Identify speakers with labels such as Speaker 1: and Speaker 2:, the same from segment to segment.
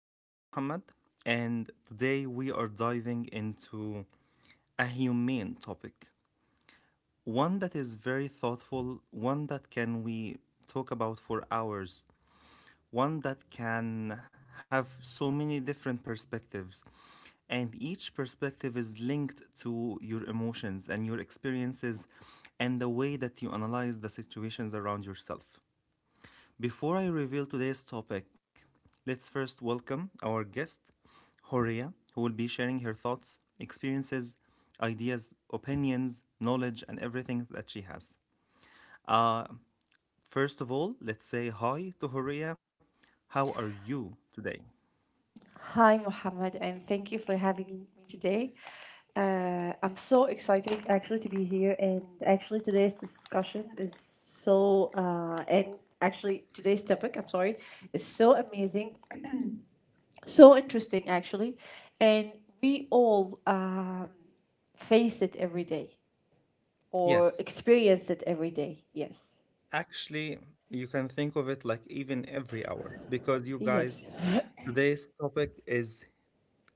Speaker 1: This is Muhammad, and today we are diving into a humane topic. One that is very thoughtful, one that can we talk about for hours, one that can have so many different perspectives. And each perspective is linked to your emotions and your experiences and the way that you analyze the situations around yourself. Before I reveal today's topic, let's first welcome our guest, Horia, who will be sharing her thoughts, experiences, ideas, opinions, knowledge, and everything that she has. Uh, First of all, let's say hi to Horia. How are you today?
Speaker 2: Hi, Mohammed, and thank you for having me today. I'm so excited actually to be here, and actually today's discussion is so and actually today's topic, I'm sorry, is so amazing, so interesting actually, and we all face it every day or
Speaker 1: Yes,
Speaker 2: experience it every day. Yes,
Speaker 1: actually, you can think of it like even every hour because you guys,
Speaker 2: yes.
Speaker 1: today's topic is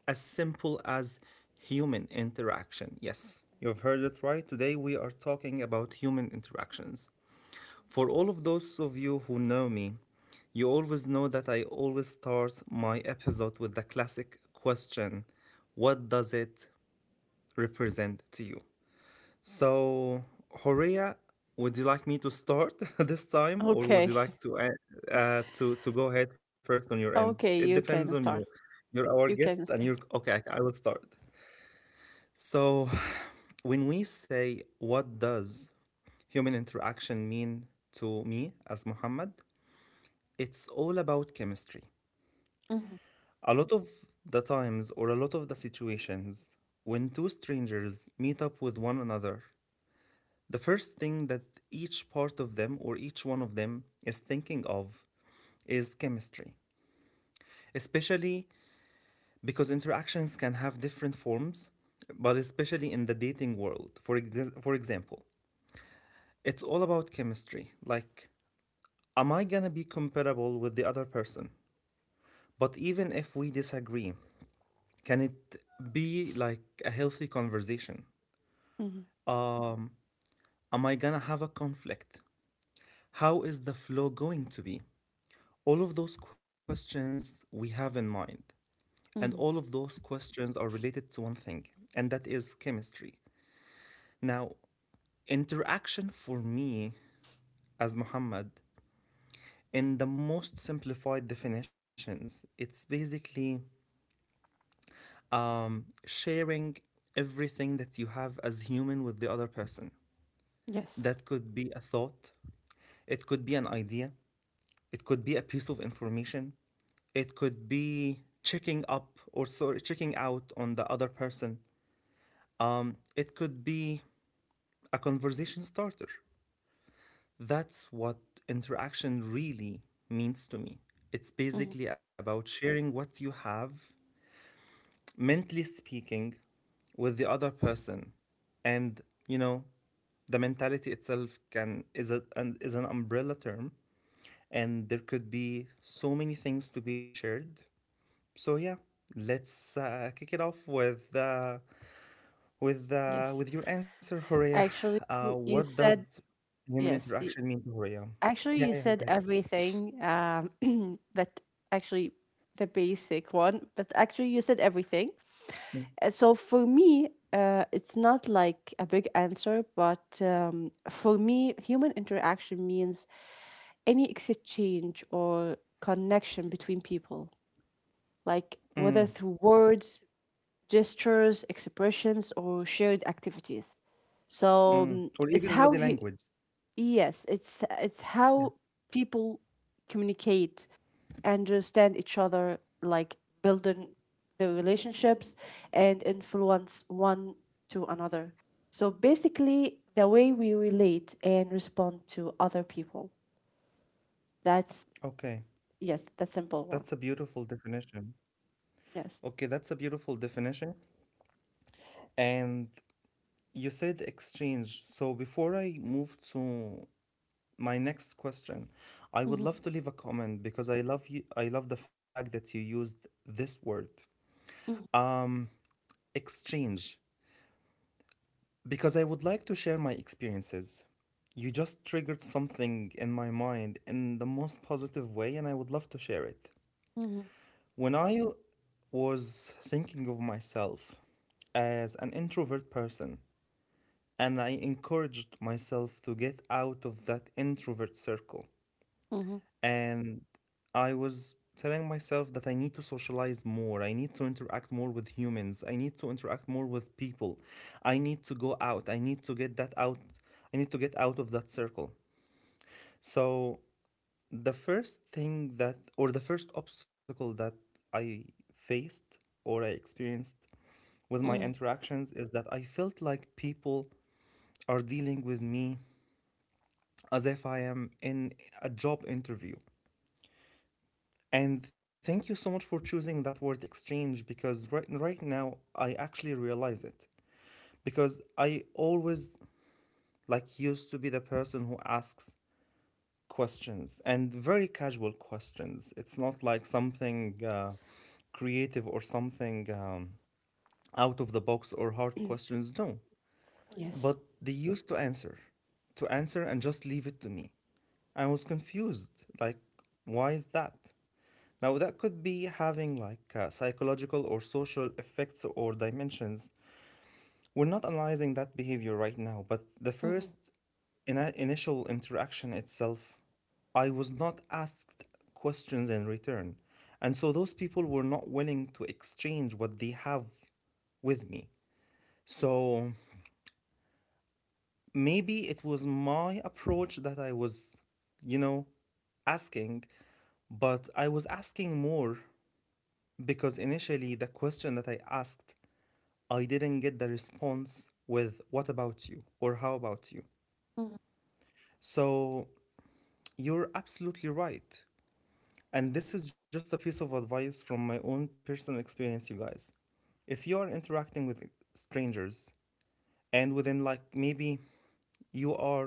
Speaker 1: as simple as human interaction. Yes, you've heard it right. Today we are talking about human interactions. For all of those of you who know me, you always know that I always start my episode with the classic question: what does it represent to you? So, Horea, would you like me to start this time, or would you
Speaker 2: Okay.
Speaker 1: like to go ahead first on your end? It
Speaker 2: Okay, you
Speaker 1: depends on
Speaker 2: can
Speaker 1: you.
Speaker 2: start.
Speaker 1: You're our guest
Speaker 2: You
Speaker 1: and
Speaker 2: can
Speaker 1: you're
Speaker 2: start.
Speaker 1: okay. I will start. So, when we say, what does human interaction mean to me as Muhammad? It's all about chemistry.
Speaker 2: Mm-hmm.
Speaker 1: A lot of the times, or a lot of the situations, when two strangers meet up with one another, the first thing that each part of them or each one of them is thinking of is chemistry. Especially because interactions can have different forms, but especially in the dating world, for example. It's all about chemistry. Like, am I gonna be comparable with the other person? But even if we disagree, can it be like a healthy conversation? Um, am I gonna have a conflict? How is the flow going to be? All of those questions we have in mind. And all
Speaker 2: Mm-hmm.
Speaker 1: of those questions are related to one thing, and that is chemistry. Now, interaction for me as Muhammad, in the most simplified definitions, it's basically sharing everything that you have as human with the other person.
Speaker 2: Yes.
Speaker 1: That could be a thought, it could be an idea, it could be a piece of information, it could be checking up or sorry, checking out on the other person. It could be a conversation starter. That's what interaction really means to me. It's
Speaker 2: Mm-hmm.
Speaker 1: basically about sharing what you have, mentally speaking, with the other person. And you know, the mentality itself can is a, an, is an umbrella term, and there could be so many things to be shared. So yeah, let's kick it off with uh, with
Speaker 2: Yes.
Speaker 1: uh, with your answer, Horea.
Speaker 2: Actually, you
Speaker 1: What
Speaker 2: said
Speaker 1: does human
Speaker 2: yes. y-
Speaker 1: interaction mean to Horea?
Speaker 2: Actually,
Speaker 1: Yeah,
Speaker 2: you
Speaker 1: yeah,
Speaker 2: said
Speaker 1: go ahead.
Speaker 2: everything. That actually the basic one, but actually you said everything.
Speaker 1: Mm.
Speaker 2: So for me, it's not like a big answer, but for me, human interaction means any exchange or connection between people, like whether
Speaker 1: Mm.
Speaker 2: through words, gestures, expressions, or shared activities. So
Speaker 1: Mm. Or
Speaker 2: it's
Speaker 1: even
Speaker 2: how
Speaker 1: body
Speaker 2: hu
Speaker 1: language.
Speaker 2: Yes, it's how
Speaker 1: Yeah.
Speaker 2: people communicate, understand each other, like building the relationships and influence one to another. So basically, the way we relate and respond to other people. That's
Speaker 1: Okay.
Speaker 2: yes, the simple
Speaker 1: That's
Speaker 2: one.
Speaker 1: a beautiful definition.
Speaker 2: Yes.
Speaker 1: Okay, that's a beautiful definition. And you said exchange. So before I move to my next question, I would
Speaker 2: Mm-hmm.
Speaker 1: love to leave a comment because I love the fact that you used this word. Um Exchange, because I would like to share my experiences. You just triggered something in my mind in the most positive way and I would love to share it.
Speaker 2: Mm-hmm.
Speaker 1: When I was thinking of myself as an introvert person, and I encouraged myself to get out of that introvert circle.
Speaker 2: Mm-hmm.
Speaker 1: And I was telling myself that I need to socialize more, I need to interact more with humans, I need to interact more with people, I need to go out, I need to get that out, I need to get out of that circle. So, the first thing that, or the first obstacle that I faced or I experienced with my
Speaker 2: Mm-hmm.
Speaker 1: interactions is that I felt like people are dealing with me as if I am in a job interview. And thank you so much for choosing that word exchange because right now I actually realize it. Because I always like used to be the person who asks questions and very casual questions. It's not like something creative or something out of the box or hard questions. No.
Speaker 2: Yes.
Speaker 1: But they used to answer and just leave it to me. I was confused. Like, why is that? Now, that could be having like psychological or social effects or dimensions. We're not analyzing that behavior right now, but the
Speaker 2: Mm-hmm.
Speaker 1: first initial interaction itself, I was not asked questions in return. And so those people were not willing to exchange what they have with me. So maybe it was my approach that I was, you know, asking, but I was asking more because initially the question that I asked, I didn't get the response with what about you or how about you.
Speaker 2: Mm-hmm.
Speaker 1: So you're absolutely right. And this is just a piece of advice from my own personal experience, you guys. If you are interacting with strangers, and within, like, maybe you are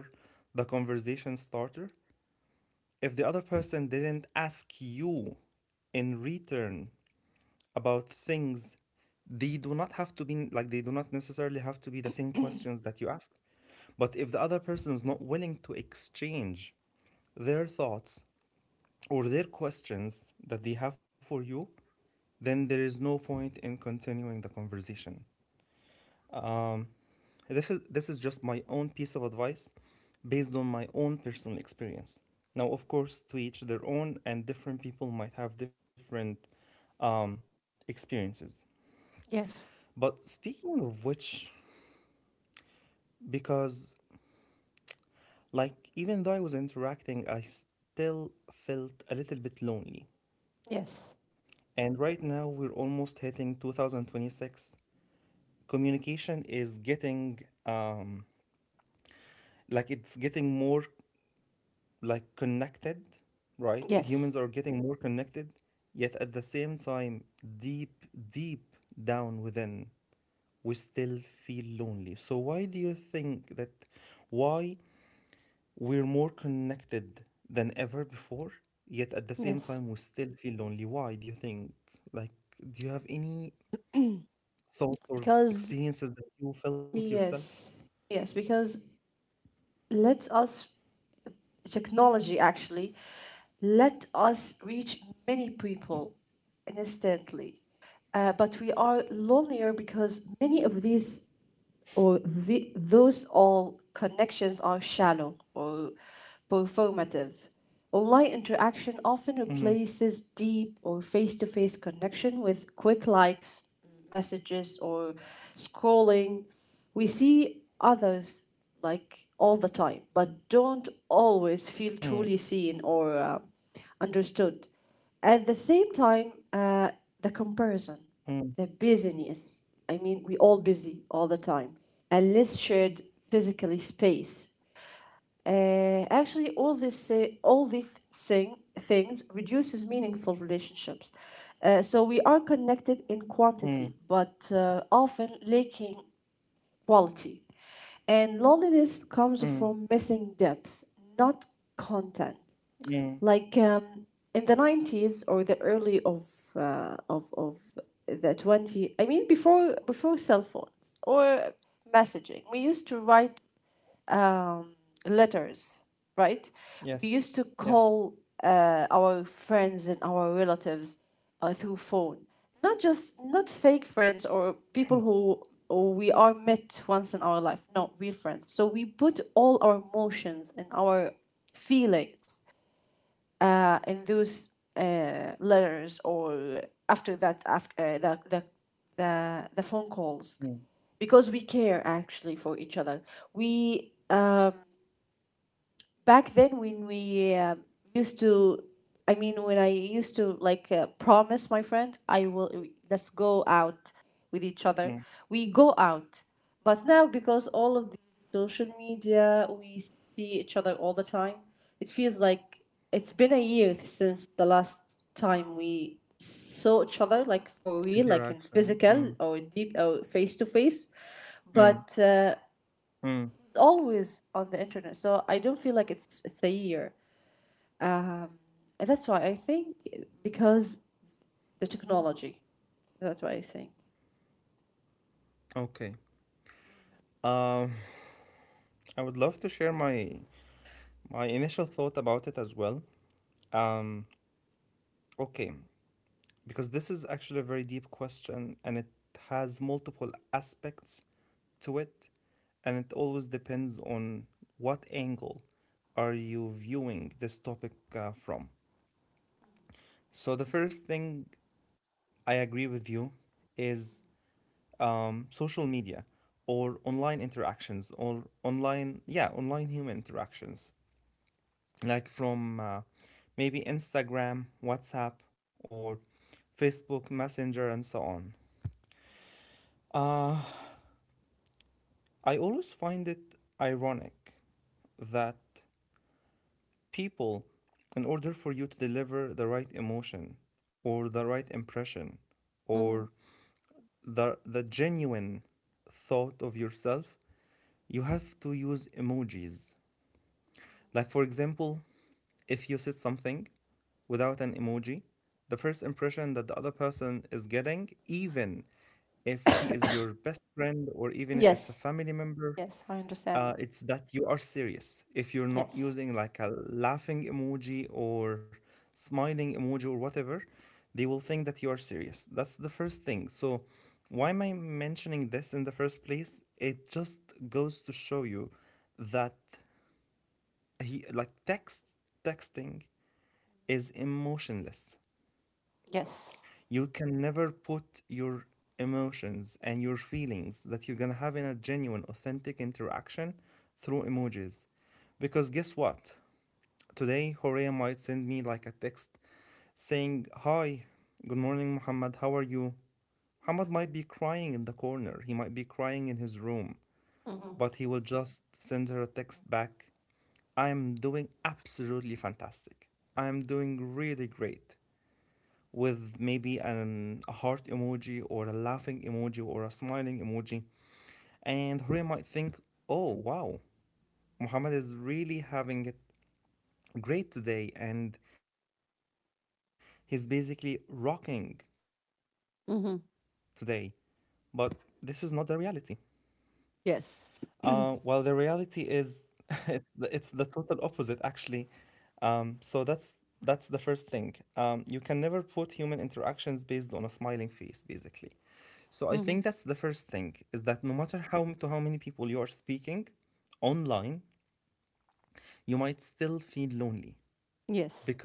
Speaker 1: the conversation starter, if the other person didn't ask you in return about things, they do not have to be, like, they do not necessarily have to be the same questions that you asked, but if the other person is not willing to exchange their thoughts or their questions that they have for you, then there is no point in continuing the conversation. This is just my own piece of advice based on my own personal experience. Now, of course, to each their own, and different people might have different experiences.
Speaker 2: Yes.
Speaker 1: But speaking of which, because, like, even though I was interacting, I still felt a little bit lonely.
Speaker 2: Yes.
Speaker 1: And right now, we're almost hitting 2026. Communication is getting, um, like, it's getting more, like, connected, right? Humans
Speaker 2: Yes.
Speaker 1: are getting more connected, yet at the same time, deep, deep down within, we still feel lonely. So, why do you think that? Why We're more connected than ever before, yet at the same
Speaker 2: Yes.
Speaker 1: time, we still feel lonely. Why do you think? Like, do you have any thoughts or
Speaker 2: Because
Speaker 1: experiences that you felt yourself?
Speaker 2: yes, yes, because let us technology actually let us reach many people instantly, but we are lonelier, because many of these, or those, all connections are shallow or performative. Online interaction often
Speaker 1: Mm.
Speaker 2: replaces deep or face to face connection with quick likes, messages, or scrolling. We see others like all the time, but don't always feel
Speaker 1: Mm.
Speaker 2: truly seen or understood. At the same time, the
Speaker 1: Mm.
Speaker 2: comparison, the busyness. I mean, we all busy all the time, and less shared physically space. Actually, all these things reduces meaningful relationships. So we are connected in
Speaker 1: Mm.
Speaker 2: quantity, but often lacking quality. And loneliness comes
Speaker 1: Mm.
Speaker 2: from missing depth, not content.
Speaker 1: Mm.
Speaker 2: Like in the 90s, or the early of of the 20, I mean, before cell phones or messaging, we used to write um, letters, right? We
Speaker 1: Yes,
Speaker 2: used to
Speaker 1: yes.
Speaker 2: call our friends and our relatives through phone. Not just not fake friends or people who, or we are met once in our life, not real friends. So we put all our emotions and our feelings in those letters, or after that, after the phone
Speaker 1: Mm.
Speaker 2: calls, because we care actually for each other. We, back then when we used to, I mean, when I used to, like, promise my friend, I will let's go out
Speaker 1: Mm.
Speaker 2: with each other, we go out. But now, because all of the social media, we see each other all the time, it feels like it's been a year since the last time we saw each other, like for real, like in
Speaker 1: Interaction. Mm.
Speaker 2: physical or deep or face to face
Speaker 1: Mm.
Speaker 2: but
Speaker 1: Mm.
Speaker 2: always on the internet. So I don't feel like it's a year. Um, and that's why I think, because the technology. That's why I think.
Speaker 1: Okay. Um, I would love to share my initial thought about it as well. Um, okay. Because this is actually a very deep question and it has multiple aspects to it. And it always depends on what angle are you viewing this topic from. So, the first thing I agree with you is social media or online interactions, or online, yeah, online human interactions, like from maybe Instagram, WhatsApp, or Facebook Messenger, and so on. Uh, I always find it ironic that people, in order for you to deliver the right emotion or the right impression
Speaker 2: Mm-hmm.
Speaker 1: or the genuine thought of yourself, you have to use emojis. Like, for example, if you said something without an emoji, the first impression that the other person is getting, even if she is your best friend or even if it's a
Speaker 2: Yes.
Speaker 1: family member,
Speaker 2: Yes, I understand that.
Speaker 1: It's that you are serious. If you're not
Speaker 2: Yes.
Speaker 1: using like a laughing emoji or smiling emoji or whatever, they will think that you are serious. That's the first thing. So, why am I mentioning this in the first place? It just goes to show you that like, texting is emotionless.
Speaker 2: Yes.
Speaker 1: You can never put your emotions and your feelings that you're gonna have in a genuine, authentic interaction through emojis. Because guess what? Today, Horea might send me like a text saying, "Hi, good morning, Muhammad, how are you?" Muhammad might be crying in the corner, he might be crying in his room,
Speaker 2: Mm-hmm.
Speaker 1: but he will just send her a text back, "I am doing absolutely fantastic. I am doing really great," with maybe a heart emoji or a laughing emoji or a smiling emoji. And Horia might think, "Oh, wow, Muhammad is really having it great today, and he's basically rocking today." But this is not
Speaker 2: Mm-hmm.
Speaker 1: the reality. Well, the reality is
Speaker 2: Yes.
Speaker 1: it's the total opposite, actually. So that's the first thing. You can never put human interactions based on a smiling face, basically. So I think that's the first thing, is
Speaker 2: Mm-hmm.
Speaker 1: that no matter how many people you are speaking online, you might still feel lonely, because
Speaker 2: Yes.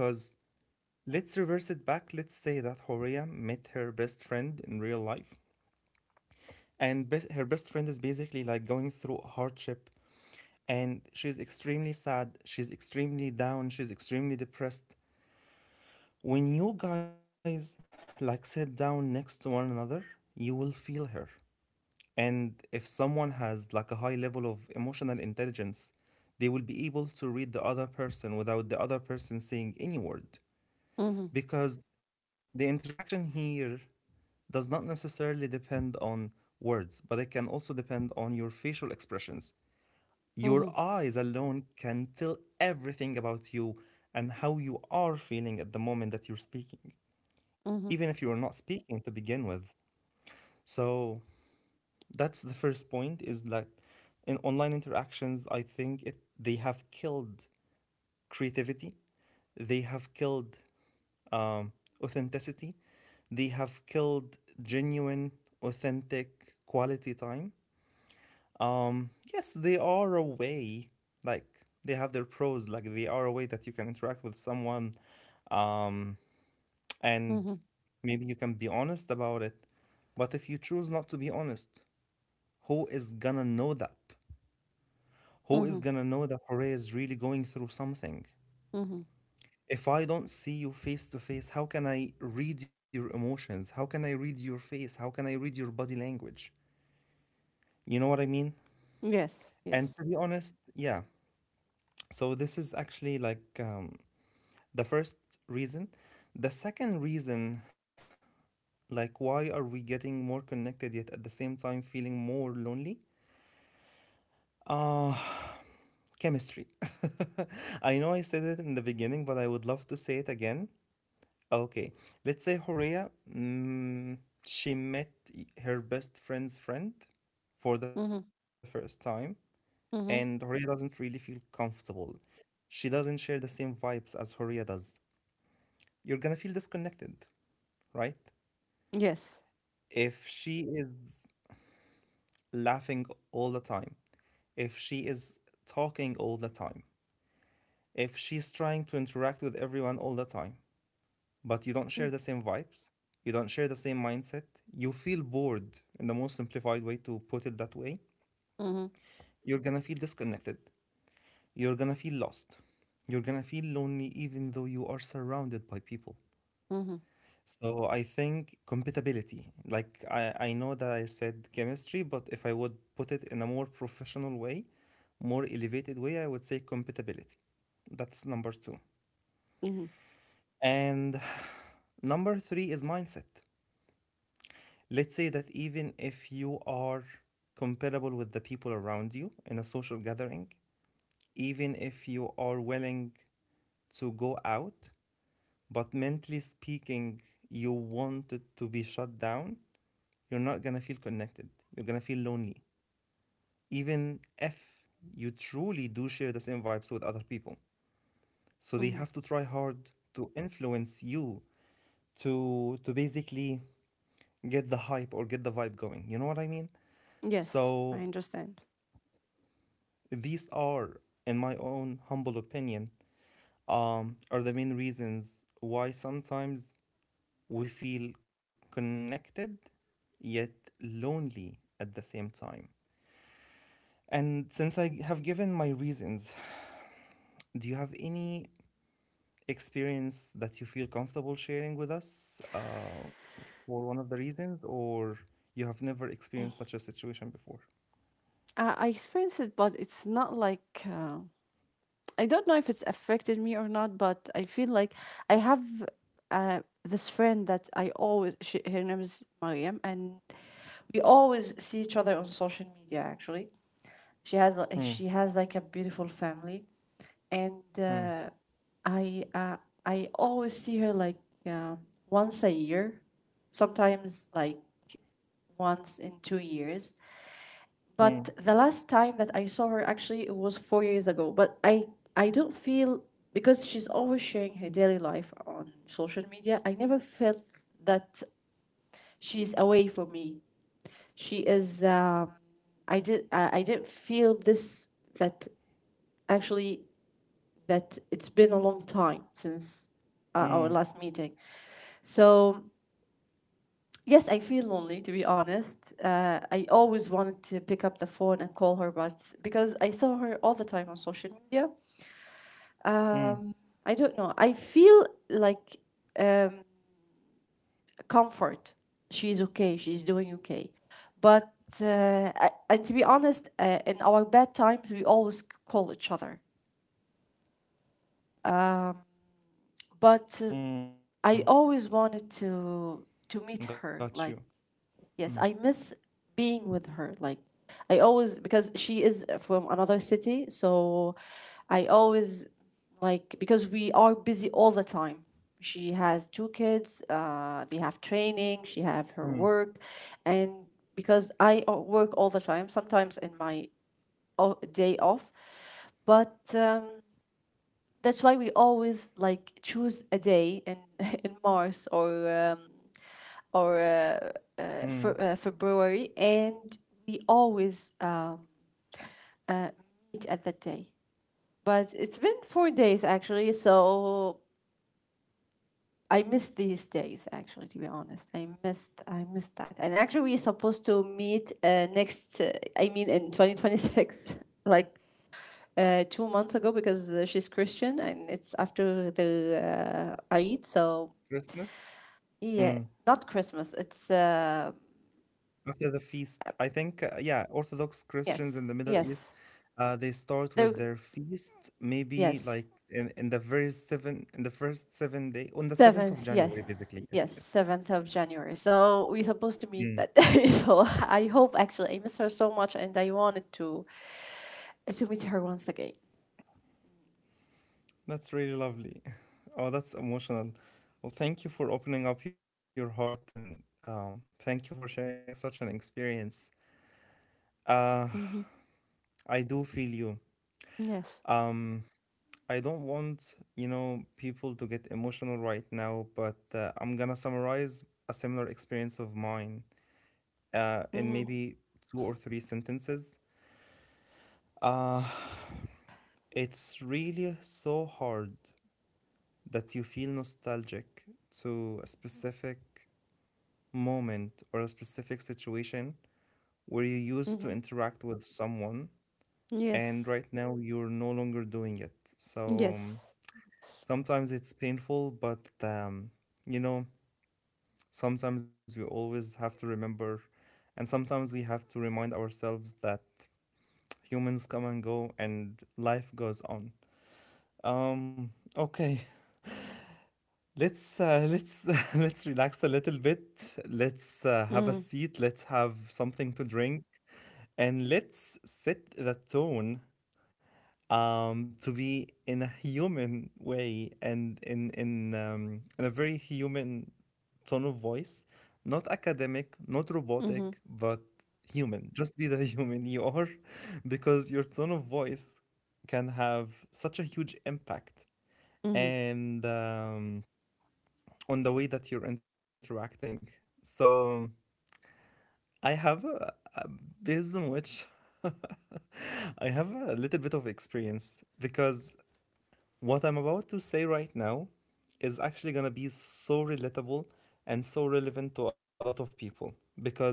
Speaker 1: let's reverse it back. Let's say that Horea met her best friend in real life, and her best friend is basically like going through hardship, and she's extremely sad. She's extremely down. She's extremely depressed. When you guys like sit down next to one another, you will feel her. And if someone has like a high level of emotional intelligence, they will be able to read the other person without the other person saying any word.
Speaker 2: Mm-hmm.
Speaker 1: Because the interaction here does not necessarily depend on words, but it can also depend on your facial expressions. Your
Speaker 2: Mm-hmm.
Speaker 1: eyes alone can tell everything about you and how you are feeling at the moment that you're speaking,
Speaker 2: Mm-hmm.
Speaker 1: even if you are not speaking to begin with. So that's the first point is that in online interactions I think they have killed creativity, they have killed um, authenticity, they have killed genuine authentic quality time. Yes, they are a way, like they have their pros, like they are a way that you can interact with someone, um, and
Speaker 2: Mm-hmm.
Speaker 1: maybe you can be honest about it. But if you choose not to be honest, who is gonna know that? Who is
Speaker 2: Mm-hmm.
Speaker 1: gonna know that Horea is really going through something?
Speaker 2: Mm-hmm.
Speaker 1: If I don't see you face to face, how can I read your emotions? How can I read your face? How can I read your body language? You know what I mean?
Speaker 2: Yes.
Speaker 1: And
Speaker 2: Yes.
Speaker 1: to be honest, yeah. So this is actually like the first reason. The second reason, like why are we getting more connected yet at the same time feeling more lonely? Uh, chemistry. I know I said it in the beginning, but I would love to say it again. Okay, let's say Horia, mm, she met her best friend's friend for the first
Speaker 2: Mm-hmm.
Speaker 1: time, and Horia
Speaker 2: Mm-hmm.
Speaker 1: doesn't really feel comfortable. She doesn't share the same vibes as Horia does. You're gonna feel disconnected, right?
Speaker 2: Yes.
Speaker 1: If she is laughing all the time, if she is talking all the time, if she's trying to interact with everyone all the time, but you don't
Speaker 2: Mm-hmm.
Speaker 1: share the same vibes, you don't share the same mindset, you feel bored in the most simplified way to put it that way, you're gonna feel disconnected, you're gonna feel lost, you're gonna feel lonely even though you are surrounded by people.
Speaker 2: Mm-hmm.
Speaker 1: So I think compatibility, like I know that I said chemistry, but if I would put it in a more professional way, more elevated way, I would say compatibility. That's number two.
Speaker 2: Mm-hmm.
Speaker 1: And number three is mindset. Let's say that even if you are comparable with the people around you in a social gathering, even if you are willing to go out, but mentally speaking, you want it to be shut down, you're not gonna feel connected. You're gonna feel lonely, even if you truly do share the same vibes with other people. So they
Speaker 2: Mm-hmm.
Speaker 1: have to try hard to influence you to basically get the hype or get the vibe going. You know what I mean?
Speaker 2: Yes, I
Speaker 1: So
Speaker 2: understand.
Speaker 1: these are, in my own humble opinion, are the main reasons why sometimes we feel connected yet lonely at the same time. And since I have given my reasons, do you have any experience that you feel comfortable sharing with us for one of the reasons, or you have never experienced such a situation before?
Speaker 2: I experienced it, but it's not like, uh, I don't know if it's affected me or not, but I feel like I have, this friend that I always, she, her name is Mariam, and we always see each other on social media actually. She has, li- she
Speaker 1: Mm,
Speaker 2: has like a beautiful family, and
Speaker 1: mm,
Speaker 2: I, uh, I always see her like, uh, once a year, sometimes like once in 2 years. But
Speaker 1: mm,
Speaker 2: the last time that I saw her, actually, it was 4 years ago. But I don't feel, because she's always sharing her daily life on social media. I never felt that she's away from me. She is. I did. I didn't feel this. That actually, that it's been a long time since our last
Speaker 1: mm,
Speaker 2: meeting. So yes, I feel lonely, to be honest. I always wanted to pick up the phone and call her, but because I saw her all the time on social media,
Speaker 1: mm,
Speaker 2: um, I don't know. I feel like, um, comfort. She's okay. She's doing okay, but. And to be honest, in our bad times, we always call each other. Um,
Speaker 1: mm.
Speaker 2: but I
Speaker 1: Got you.
Speaker 2: always wanted
Speaker 1: Mm,
Speaker 2: to meet her, like. Yes, I miss being with her. Like, I always, because she is from another city, so I always, like, because we are busy all the time. She has two kids, they have
Speaker 1: mm,
Speaker 2: training, she have her work, and because I, work all the time, sometimes in my day off, but that's why we always like choose a day in in Mars, or
Speaker 1: mm,
Speaker 2: for February, and we always uh, meet at that day. But it's been 4 days actually, so I missed these days actually. To be honest, I missed that. And actually, we're supposed to meet next. I mean, in 2026, like. 2 months ago, because she's Christian and it's after the, Eid, so
Speaker 1: Christmas. Mm.
Speaker 2: yeah, not Christmas. It's,
Speaker 1: After the feast. I think, yeah, Orthodox Christians
Speaker 2: yes,
Speaker 1: in the Middle East,
Speaker 2: yes,
Speaker 1: they start
Speaker 2: there,
Speaker 1: with their feast maybe
Speaker 2: yes,
Speaker 1: like in the first 7 day on the seventh
Speaker 2: seven,
Speaker 1: of
Speaker 2: yes.
Speaker 1: January, basically. Yes,
Speaker 2: Yes,
Speaker 1: yes, yes.
Speaker 2: 7th of January. So we're supposed to meet that day. So I hope, actually I miss her so much and I wanted to meet her once again.
Speaker 1: That's really lovely. Oh, that's emotional. Well, thank you for opening up your heart and thank you for sharing such an experience. Uh,
Speaker 2: Hmm.
Speaker 1: I do feel you.
Speaker 2: Yes.
Speaker 1: Um, I don't want, people to get emotional right now, but I'm gonna summarize a similar experience of mine in
Speaker 2: Mm-hmm.
Speaker 1: maybe two or three sentences. Uh, it's really so hard that you feel nostalgic to a specific moment or a specific situation where you used to
Speaker 2: Mm-hmm.
Speaker 1: interact with someone, and
Speaker 2: Yes.
Speaker 1: right now you're no longer doing it. So
Speaker 2: Yes. S-
Speaker 1: sometimes it's painful, but you know, Sometimes we always have to remember, and sometimes we have to remind ourselves that humans come and go and life goes on. Um, okay, let's let's relax a little bit. Let's have a
Speaker 2: Mm-hmm.
Speaker 1: seat. Let's have something to drink, and let's set the tone to be in a human way and in a very human tone of voice, not academic, not
Speaker 2: Mm-hmm.
Speaker 1: robotic, but human. Just be the human you are, because your tone of voice can have such a huge impact
Speaker 2: Mm-hmm.
Speaker 1: and on the way that you're interacting. So I have a based on which I have a little bit of experience because what I'm about to say right now is actually going to be so relatable and so relevant to a lot of people because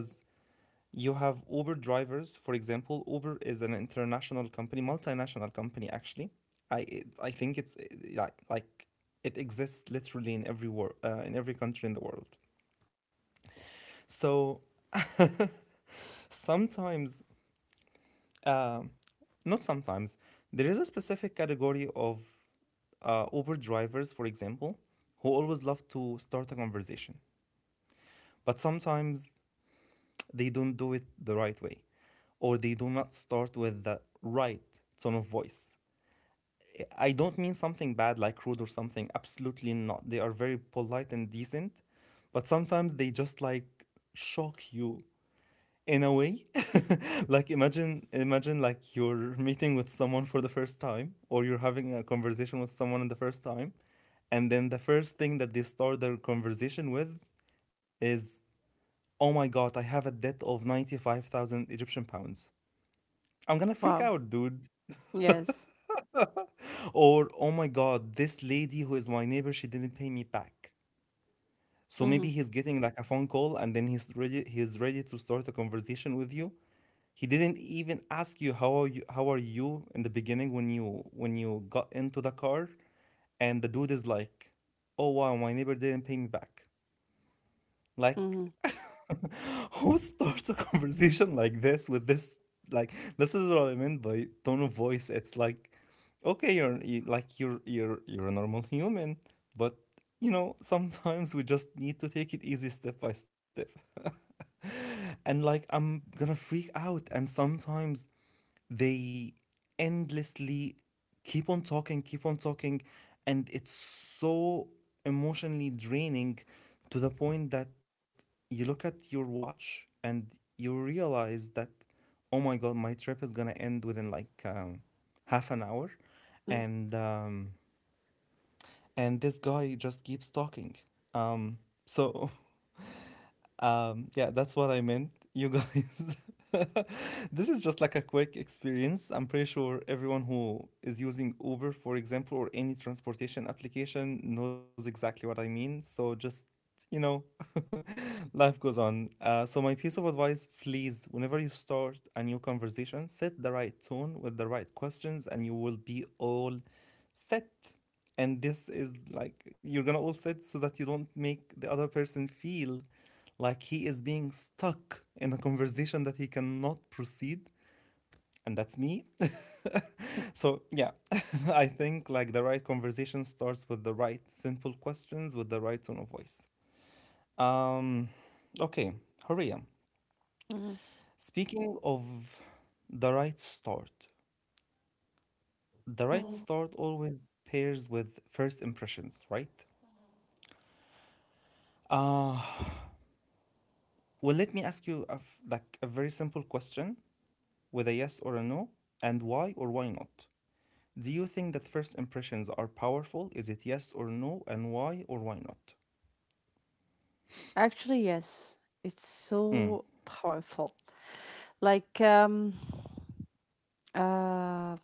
Speaker 1: you have Uber drivers, for example. Uber is an international company, multinational company, actually. I think it's like it exists literally in every country in the world. So sometimes, uh, not sometimes, there is a specific category of Uber drivers, for example, who always love to start a conversation. But sometimes they don't do it the right way, or they do not start with the right tone of voice. I don't mean something bad like rude or something, absolutely not. They are very polite and decent, but sometimes they just like shock you in a way. Like imagine like you're meeting with someone for the first time or you're having a conversation with someone in the first time, and then the first thing that they start their conversation with is, Oh my God, I have a debt of 95,000 Egyptian pounds. I'm gonna freak
Speaker 2: Wow.
Speaker 1: out, dude."
Speaker 2: Yes.
Speaker 1: Or, oh my God, this lady who is my neighbor, she didn't pay me back." So
Speaker 2: Mm-hmm.
Speaker 1: maybe he's getting like a phone call, and then he's ready to start a conversation with you. He didn't even ask you how are you in the beginning, when you got into the car, and the dude is like, "Oh wow, my neighbor didn't pay me back." Like
Speaker 2: Mm-hmm.
Speaker 1: who starts a conversation like this with this? Like, this is what I meant by tone of voice. It's like, okay, you're you- like you're a normal human, but sometimes we just need to take it easy step by step. And like I'm gonna freak out, and sometimes they endlessly keep on talking, and it's so emotionally draining to the point that you look at your watch and you realize that, oh my God, my trip is gonna end within like half an hour, and um, and this guy just keeps talking. Um, so yeah, that's what I meant. You guys, this is just like a quick experience. I'm pretty sure everyone who is using Uber, for example, or any transportation application knows exactly what I mean. So just, you know, life goes on. So, my piece of advice please, whenever you start a new conversation, set the right tone with the right questions, and you will be all set. And this is like you're gonna all set, so that you don't make the other person feel like he is being stuck in a conversation that he cannot proceed. And that's me, so yeah. I think like the right conversation starts with the right simple questions with the right tone of voice. Um okay, Horia,
Speaker 2: Mm-hmm.
Speaker 1: speaking of the right start, the right
Speaker 2: Mm-hmm.
Speaker 1: start always pairs with first impressions, right? uh Well, let me ask you like a very simple question with a yes or a no, and why or why not? Do you think that first impressions are powerful? Is it yes or no, and why or why not?
Speaker 2: Actually, yes. It's
Speaker 1: Mm,
Speaker 2: so powerful. Like um uh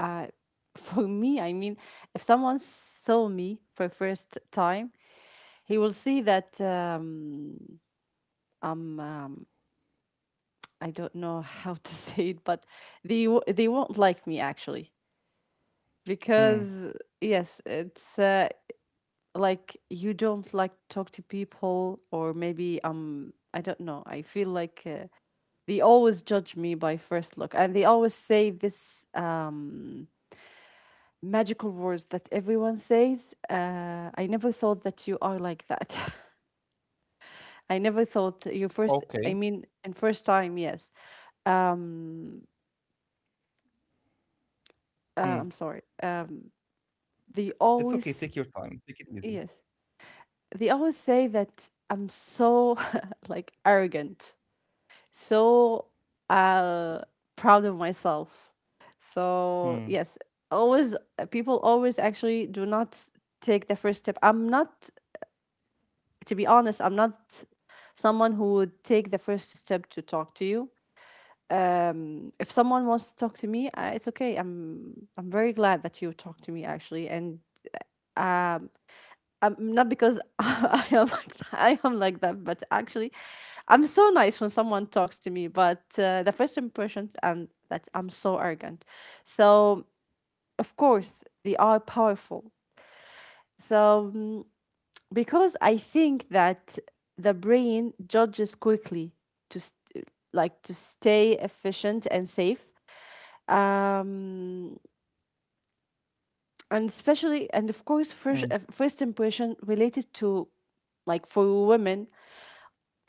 Speaker 2: uh, for me, I mean, if someone saw me for first time, he will see that, um, I don't know how to say it, but they won't like me actually,
Speaker 1: mm,
Speaker 2: because yes, it's, like you don't like talk to people, or maybe I don't know. I feel like, they always judge me by first look, and they always say this, magical words that everyone says. I never thought that you are like that. I never thought you first, I
Speaker 1: okay.
Speaker 2: mean, and first time, yes. Um, I'm
Speaker 1: Mm.
Speaker 2: sorry. They
Speaker 1: It's okay.
Speaker 2: always,
Speaker 1: Take your time. Take it easy.
Speaker 2: yes, they always say that I'm so like arrogant, so uh, proud of myself. So,
Speaker 1: Mm,
Speaker 2: yes, always, people always actually do not take the first step. I'm not, to be honest, I'm not someone who would take the first step to talk to you. If someone wants to talk to me, it's okay. I'm very glad that you talked to me actually, and not because I am like that, I am like that, but actually, I'm so nice when someone talks to me. But the first impression, and that I'm so arrogant. So, of course, they are powerful. So, mm, because I think that the brain judges quickly like, to stay efficient and safe. Um, and especially, and of course, first
Speaker 1: mm.
Speaker 2: uh, first impression related to, like for women,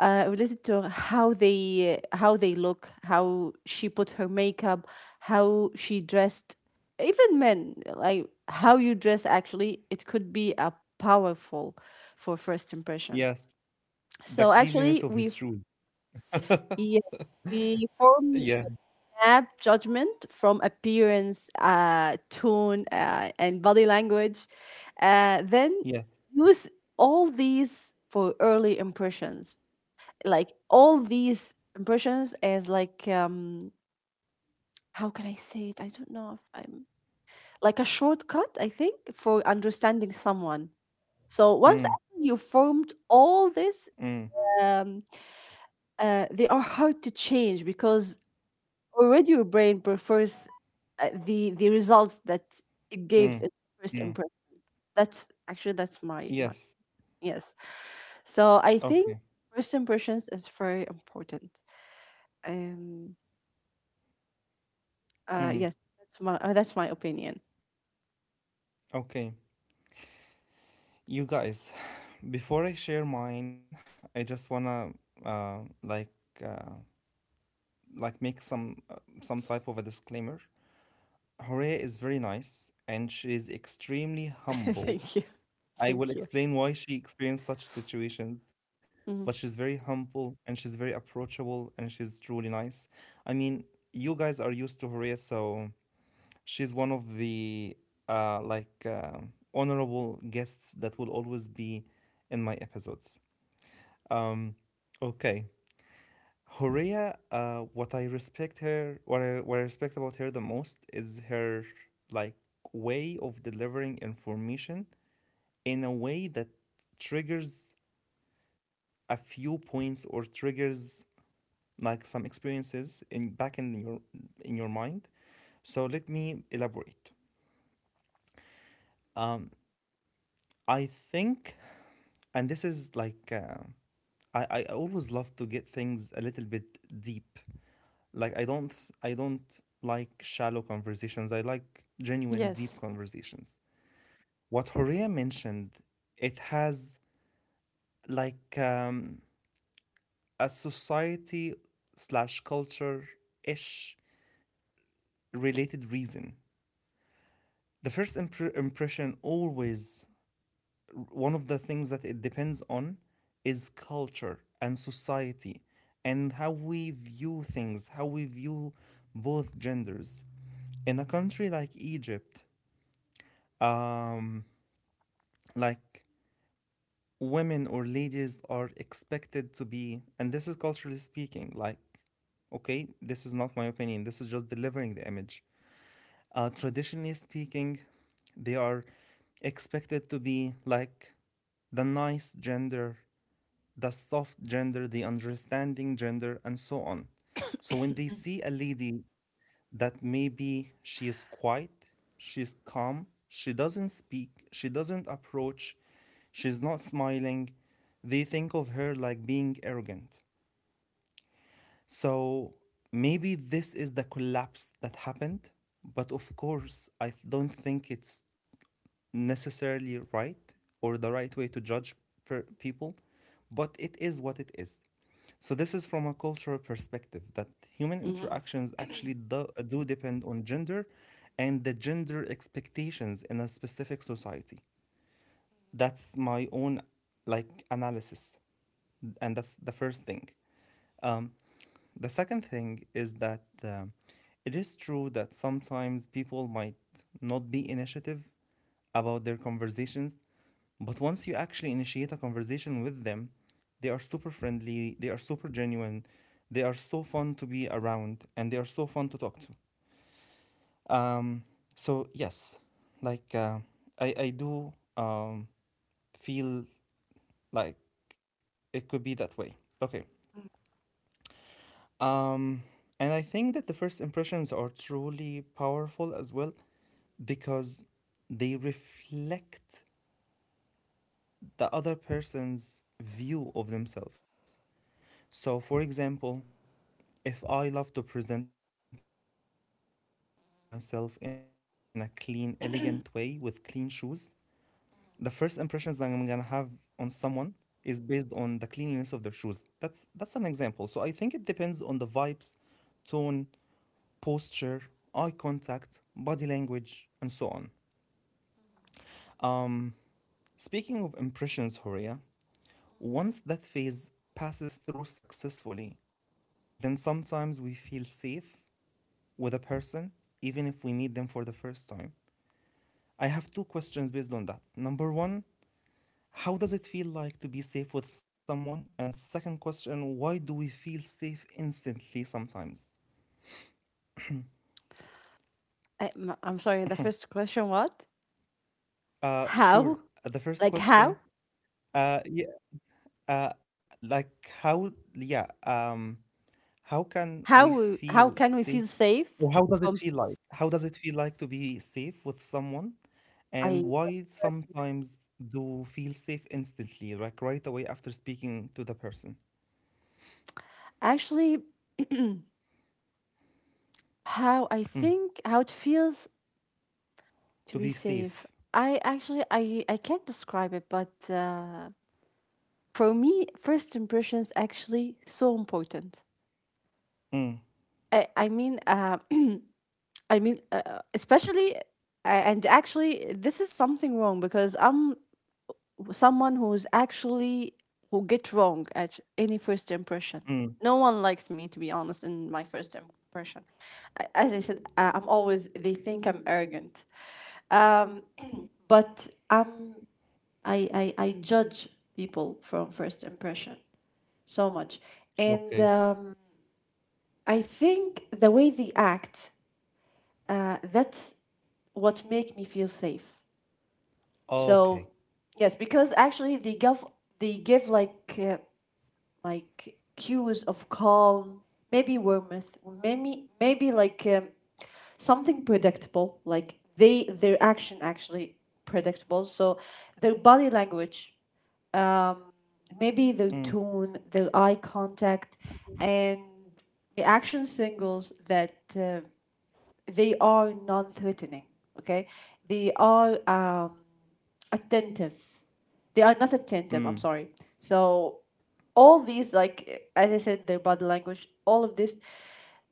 Speaker 2: related to how they look, how she put her makeup, how she dressed. Even men, like how you dress, actually, it could be a powerful for first impression.
Speaker 1: Yes, the
Speaker 2: So
Speaker 1: cleanliness
Speaker 2: actually,
Speaker 1: of his
Speaker 2: we've
Speaker 1: shoes.
Speaker 2: yes, we form
Speaker 1: Yeah.
Speaker 2: nap judgment from appearance, tone, and body language. Then
Speaker 1: Yes.
Speaker 2: use all these for early impressions. Like all these impressions as like, how can I say it? I don't know if I'm like a shortcut. I think for understanding someone.
Speaker 1: Mm,
Speaker 2: So once you formed all
Speaker 1: mm,
Speaker 2: this, um, they are hard to change because already your brain prefers, the results that it
Speaker 1: mm,
Speaker 2: gives in
Speaker 1: mm.
Speaker 2: first impression. That's my,
Speaker 1: Yes.
Speaker 2: yes. So I think
Speaker 1: Okay.
Speaker 2: first impressions is very important. Um.
Speaker 1: Mm,
Speaker 2: Yes. That's my opinion.
Speaker 1: okay. You guys, before I share mine, I just wanna uh, like uh, like make some type of a disclaimer. Horea is very nice and she is extremely humble.
Speaker 2: Thank you.
Speaker 1: I will
Speaker 2: Thank you.
Speaker 1: explain why she experienced such situations, but she's
Speaker 2: Hmm.
Speaker 1: very humble and she's very approachable and she's truly nice. I mean, you guys are used to Horea, so she's one of the like honorable guests that will always be in my episodes. Um, okay. Horia, what I respect about her the most is her like way of delivering information in a way that triggers a few points or triggers like some experiences in back in your mind. So let me elaborate. Um, I think, and this is I always love to get things a little bit deep, like I don't I don't like shallow conversations, I like genuine deep
Speaker 2: Yes.
Speaker 1: conversations. What Horea mentioned, it has like um, a society slash culture ish related reason. The first impression, always one of the things that it depends on is culture and society and how we view things, how we view both genders. In a country like Egypt, um, like women or ladies are expected to be, and this is culturally speaking, like, okay, this is not my opinion, this is just delivering the image. Traditionally speaking, they are expected to be like the nice gender, the soft gender, the understanding gender, and so on. So when they see a lady that maybe she is quiet, she's calm, she doesn't speak, she doesn't approach, she's not smiling, they think of her like being arrogant. So maybe this is the collapse that happened, but of course, I don't think it's necessarily right or the right way to judge people, but it is what it is. So this is from a cultural perspective, that human
Speaker 2: Hmm.
Speaker 1: interactions actually do depend on gender and the gender expectations in a specific society. That's my own like analysis, and that's the first thing. The second thing is that it is true that sometimes people might not be initiative about their conversations. But once you actually initiate a conversation with them, they are super friendly, they are super genuine, they are so fun to be around, and they are so fun to talk to. Um, so, yes, like uh, I do feel like it could be that way. Okay. Um, and I think that the first impressions are truly powerful as well, because they reflect the other person's view of themselves. So, for example, if I love to present myself in a clean, elegant way with clean shoes, the first impressions that I'm gonna have on someone is based on the cleanliness of their shoes. That's an example. So I think it depends on the vibes, tone, posture, eye contact, body language, and so on. Um, Speaking of impressions, Horia, once that phase passes through successfully, then sometimes we feel safe with a person even if we meet them for the first time. I have two questions based on that. Number one, how does it feel like to be safe with someone? And second question, why do we feel safe instantly sometimes?
Speaker 2: I, am sorry. The first question. What?
Speaker 1: Sure.
Speaker 2: How?
Speaker 1: The first
Speaker 2: Like
Speaker 1: question,
Speaker 2: how?
Speaker 1: yeah, uh, like how, yeah, how can we
Speaker 2: How? How
Speaker 1: feel
Speaker 2: can we
Speaker 1: safe?
Speaker 2: feel safe
Speaker 1: Or how does it
Speaker 2: from?
Speaker 1: feel like? How does it feel like to be safe with someone?
Speaker 2: I
Speaker 1: And why sometimes do feel safe instantly, like right away after speaking to the person?
Speaker 2: actually How I
Speaker 1: Mm,
Speaker 2: think how it feels to be
Speaker 1: to be
Speaker 2: safe.
Speaker 1: safe.
Speaker 2: I actually I can't describe it, but for me, first impressions actually so important.
Speaker 1: Mm.
Speaker 2: I mean, especially, and actually this is something wrong because I'm someone who's actually who get wrong at any first impression.
Speaker 1: Mm,
Speaker 2: No one likes me, to be honest, in my first impression. As I said, I'm always they think I'm arrogant. Um, but I'm I judge people from first impression so much, and
Speaker 1: okay.
Speaker 2: I think the way they act, that's what make me feel safe. So
Speaker 1: Okay.
Speaker 2: yes, because actually they give like, like, cues of calm, maybe warmth, maybe like, something predictable. Like they their action actually predictable. So their body language, um, maybe their
Speaker 1: Mm,
Speaker 2: tone, their eye contact, and reaction signals that they are non-threatening. Okay, they are, attentive. They are not attentive. I'm
Speaker 1: mm,
Speaker 2: sorry. So all these, like as I said, their body language, all of this,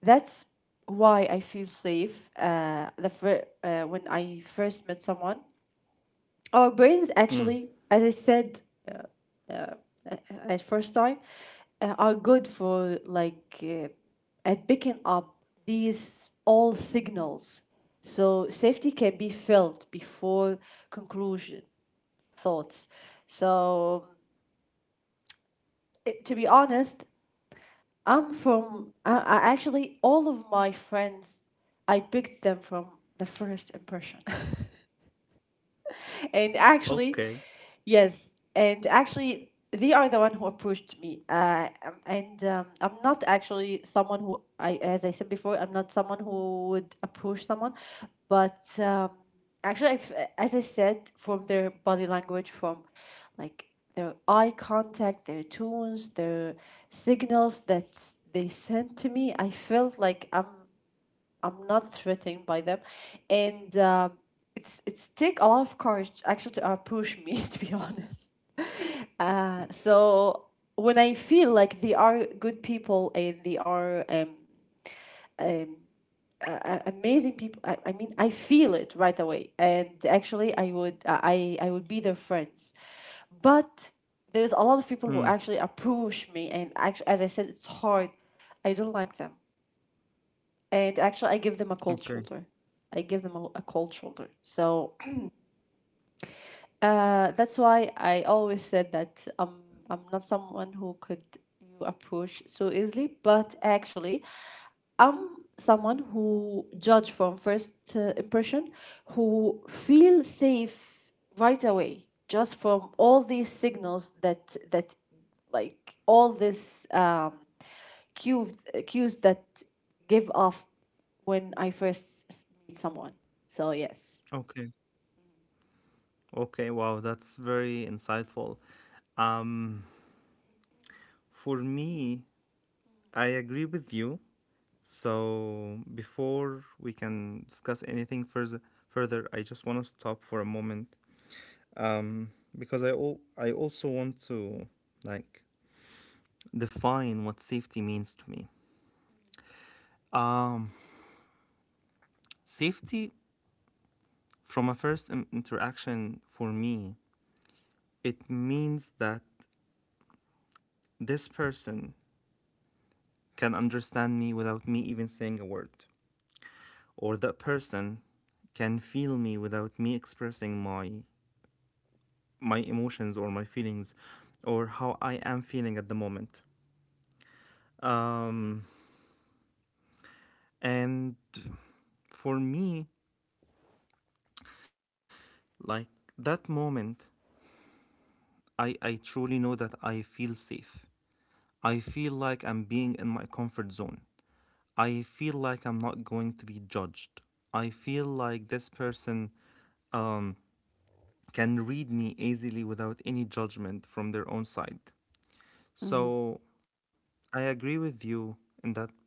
Speaker 2: that's why I feel safe. When I first met someone, our brains
Speaker 1: mm.
Speaker 2: actually, as I said, uh, uh, at first time are good for at picking up these all signals, so safety can be felt before conclusion thoughts. So to be honest, I actually, all of my friends I picked them from the first impression. And actually,
Speaker 1: Okay.
Speaker 2: yes, and actually, they are the one who approached me. And I'm not actually as I said before, I'm not someone who would approach someone, but actually, if, as I said, from their body language, from like their eye contact, their tones, their signals that they sent to me, I felt like I'm not threatened by them, and it's take a lot of courage actually to approach me to be honest. So when I feel like they are good people and they are um, amazing people, I mean, I feel it right away, and actually I would be their friends. But there's a lot of
Speaker 1: Mm,
Speaker 2: people who actually approach me, and actually, as I said, it's hard. I don't like them. And actually, I give them a cold
Speaker 1: okay.
Speaker 2: shoulder. I give them a cold shoulder. So that's why I always said that I'm not someone who could approach so easily. But actually, I'm someone who judge from first impression, who feel safe right away just from all these signals that, like, all this cues, cues that give off when I first meet someone. So yes.
Speaker 1: Okay. Okay. Wow, that's very insightful. Um, for me, I agree with you. So before we can discuss anything further, I just want to stop for a moment. Um, because I also want to like define what safety means to me. Um, Safety from a first interaction for me, it means that this person can understand me without me even saying a word, or that person can feel me without me expressing my my emotions or my feelings or how I am feeling at the moment. Um, and for me, like that moment, I truly know that I feel safe. I feel like I'm being in my comfort zone. I feel like I'm not going to be judged. I feel like this person um, can read me easily without any judgment from their own side.
Speaker 2: Mm-hmm.
Speaker 1: So I agree with you in that part.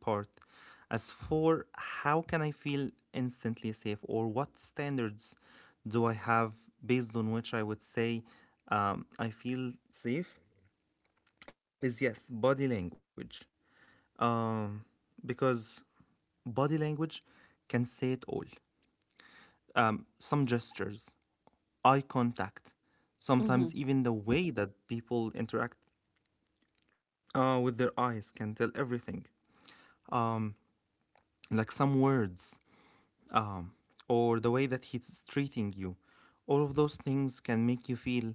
Speaker 1: As for how can I feel instantly safe, or what standards do I have based on which I would say I feel safe, is yes, body language. Um, because body language can say it all. Some gestures, eye contact,
Speaker 2: Mm-hmm.
Speaker 1: sometimes even the way that people interact with their eyes can tell everything. Like some words, or the way that he's treating you. All of those things can make you feel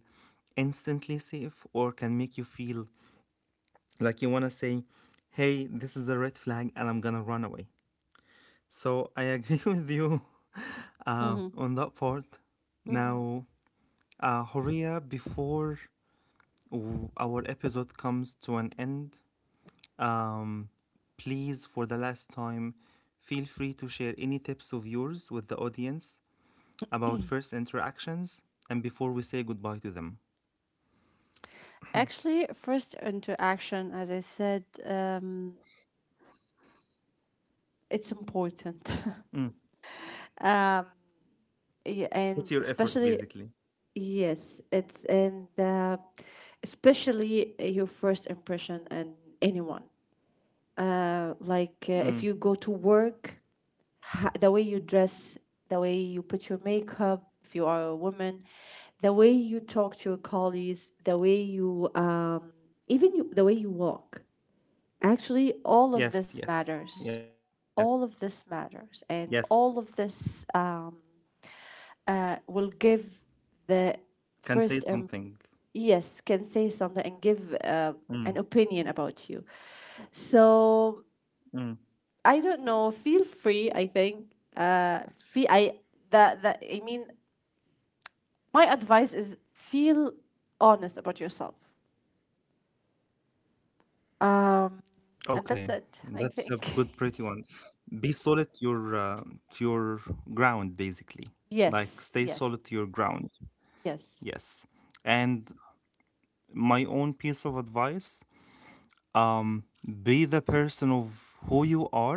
Speaker 1: instantly safe, or can make you feel like you want to say, hey, this is a red flag and I'm going to run away. So I agree with you
Speaker 2: Mm-hmm.
Speaker 1: on that part.
Speaker 2: Hmm.
Speaker 1: Now, Horia, before our episode comes to an end, Um, please, for the last time, feel free to share any tips of yours with the audience about first interactions and before we say goodbye to them.
Speaker 2: Actually, first interaction, as I said, it's important.
Speaker 1: Mm.
Speaker 2: Um, and
Speaker 1: What's your effort,
Speaker 2: especially,
Speaker 1: basically?
Speaker 2: yes, it's, and especially your first impression and anyone. Like,
Speaker 1: Mm.
Speaker 2: if you go to work, the way you dress, the way you put your makeup, if you are a woman, the way you talk to your colleagues, the way you, even you, the way you walk. Actually, all of
Speaker 1: Yes,
Speaker 2: this
Speaker 1: yes,
Speaker 2: matters.
Speaker 1: yes,
Speaker 2: All of this matters,
Speaker 1: yes.
Speaker 2: and all of this will give the
Speaker 1: Can say
Speaker 2: first
Speaker 1: something.
Speaker 2: yes, can say something and give
Speaker 1: Mm.
Speaker 2: an opinion about you. So
Speaker 1: Mm.
Speaker 2: I don't know. Feel free, I think. Feel, I, that, I mean, my advice is feel honest about yourself. Um, and
Speaker 1: Okay,
Speaker 2: that's it, I
Speaker 1: that's a
Speaker 2: think.
Speaker 1: good, pretty one. Be solid uh, to your ground, basically. Like
Speaker 2: Yes.
Speaker 1: stay
Speaker 2: Yes.
Speaker 1: solid to your ground.
Speaker 2: Yes.
Speaker 1: Yes. And my own piece of advice, Um, be the person of who you are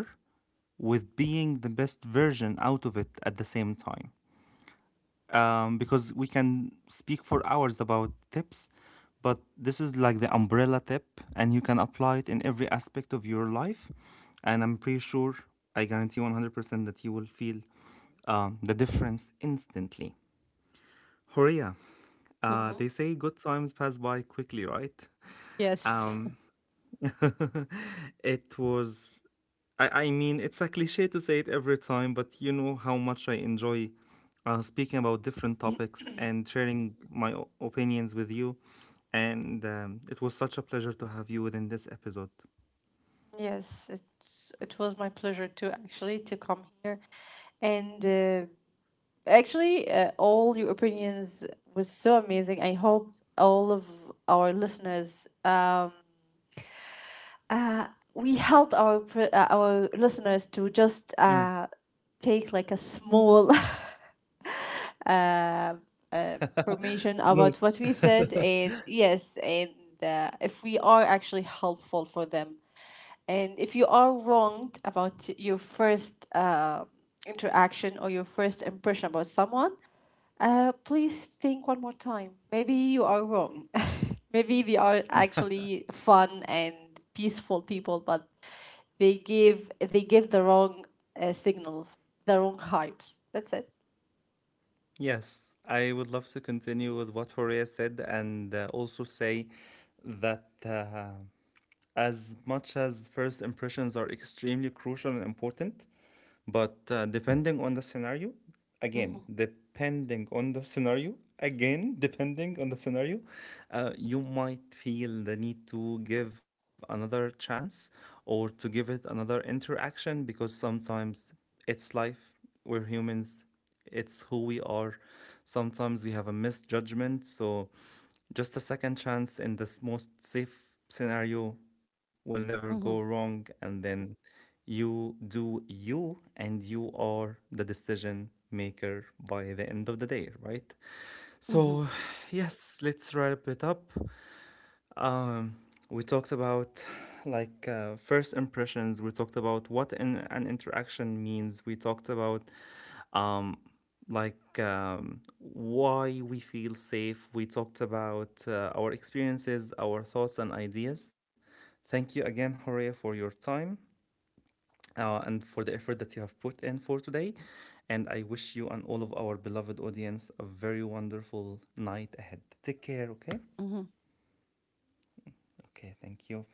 Speaker 1: with being the best version out of it at the same time. Because we can speak for hours about tips, but this is like the umbrella tip, and you can apply it in every aspect of your life. And I'm pretty sure, I guarantee 100% that you will feel the difference instantly. Horia, they
Speaker 2: Mm-hmm.
Speaker 1: say good times pass by quickly, right?
Speaker 2: Yes.
Speaker 1: It was, I mean, it's a cliche to say it every time, but you know how much I enjoy speaking about different topics and sharing my opinions with you. And it was such a pleasure to have you within this episode.
Speaker 2: Yes. It was my pleasure to actually to come here, and actually, all your opinions was so amazing. I hope all of our listeners um, Uh, we helped our listeners to
Speaker 1: Mm.
Speaker 2: just take like a small
Speaker 1: Note.
Speaker 2: information about what we said, and yes, and if we are actually helpful for them, and if you are wronged about your first interaction or your first impression about someone, please think one more time. Maybe you are wrong. Maybe we are actually fun and peaceful people, but they give the wrong signals, the wrong hypes. That's it.
Speaker 1: Yes, I would love to continue with what Horea said and also say that as much as first impressions are extremely crucial and important, but depending on the scenario, again,
Speaker 2: Mm-hmm.
Speaker 1: depending on the scenario, again, depending on the scenario, you might feel the need to give another chance or to give it another interaction, because sometimes it's life. We're humans, it's who we are. Sometimes we have a misjudgment, so just a second chance in this most safe scenario will never go
Speaker 2: Mm-hmm.
Speaker 1: wrong. And then you do you, and you are the decision maker by the end of the day, right?
Speaker 2: Mm-hmm.
Speaker 1: So, yes, let's wrap it up. Um, we talked about like first impressions. We talked about what an interaction means. We talked about um, like why we feel safe. We talked about our experiences, our thoughts, and ideas. Thank you again, Horea, for your time and for the effort that you have put in for today. And I wish you and all of our beloved audience a very wonderful night ahead. Take care, okay?
Speaker 2: Mm-hmm.
Speaker 1: Okay, thank you.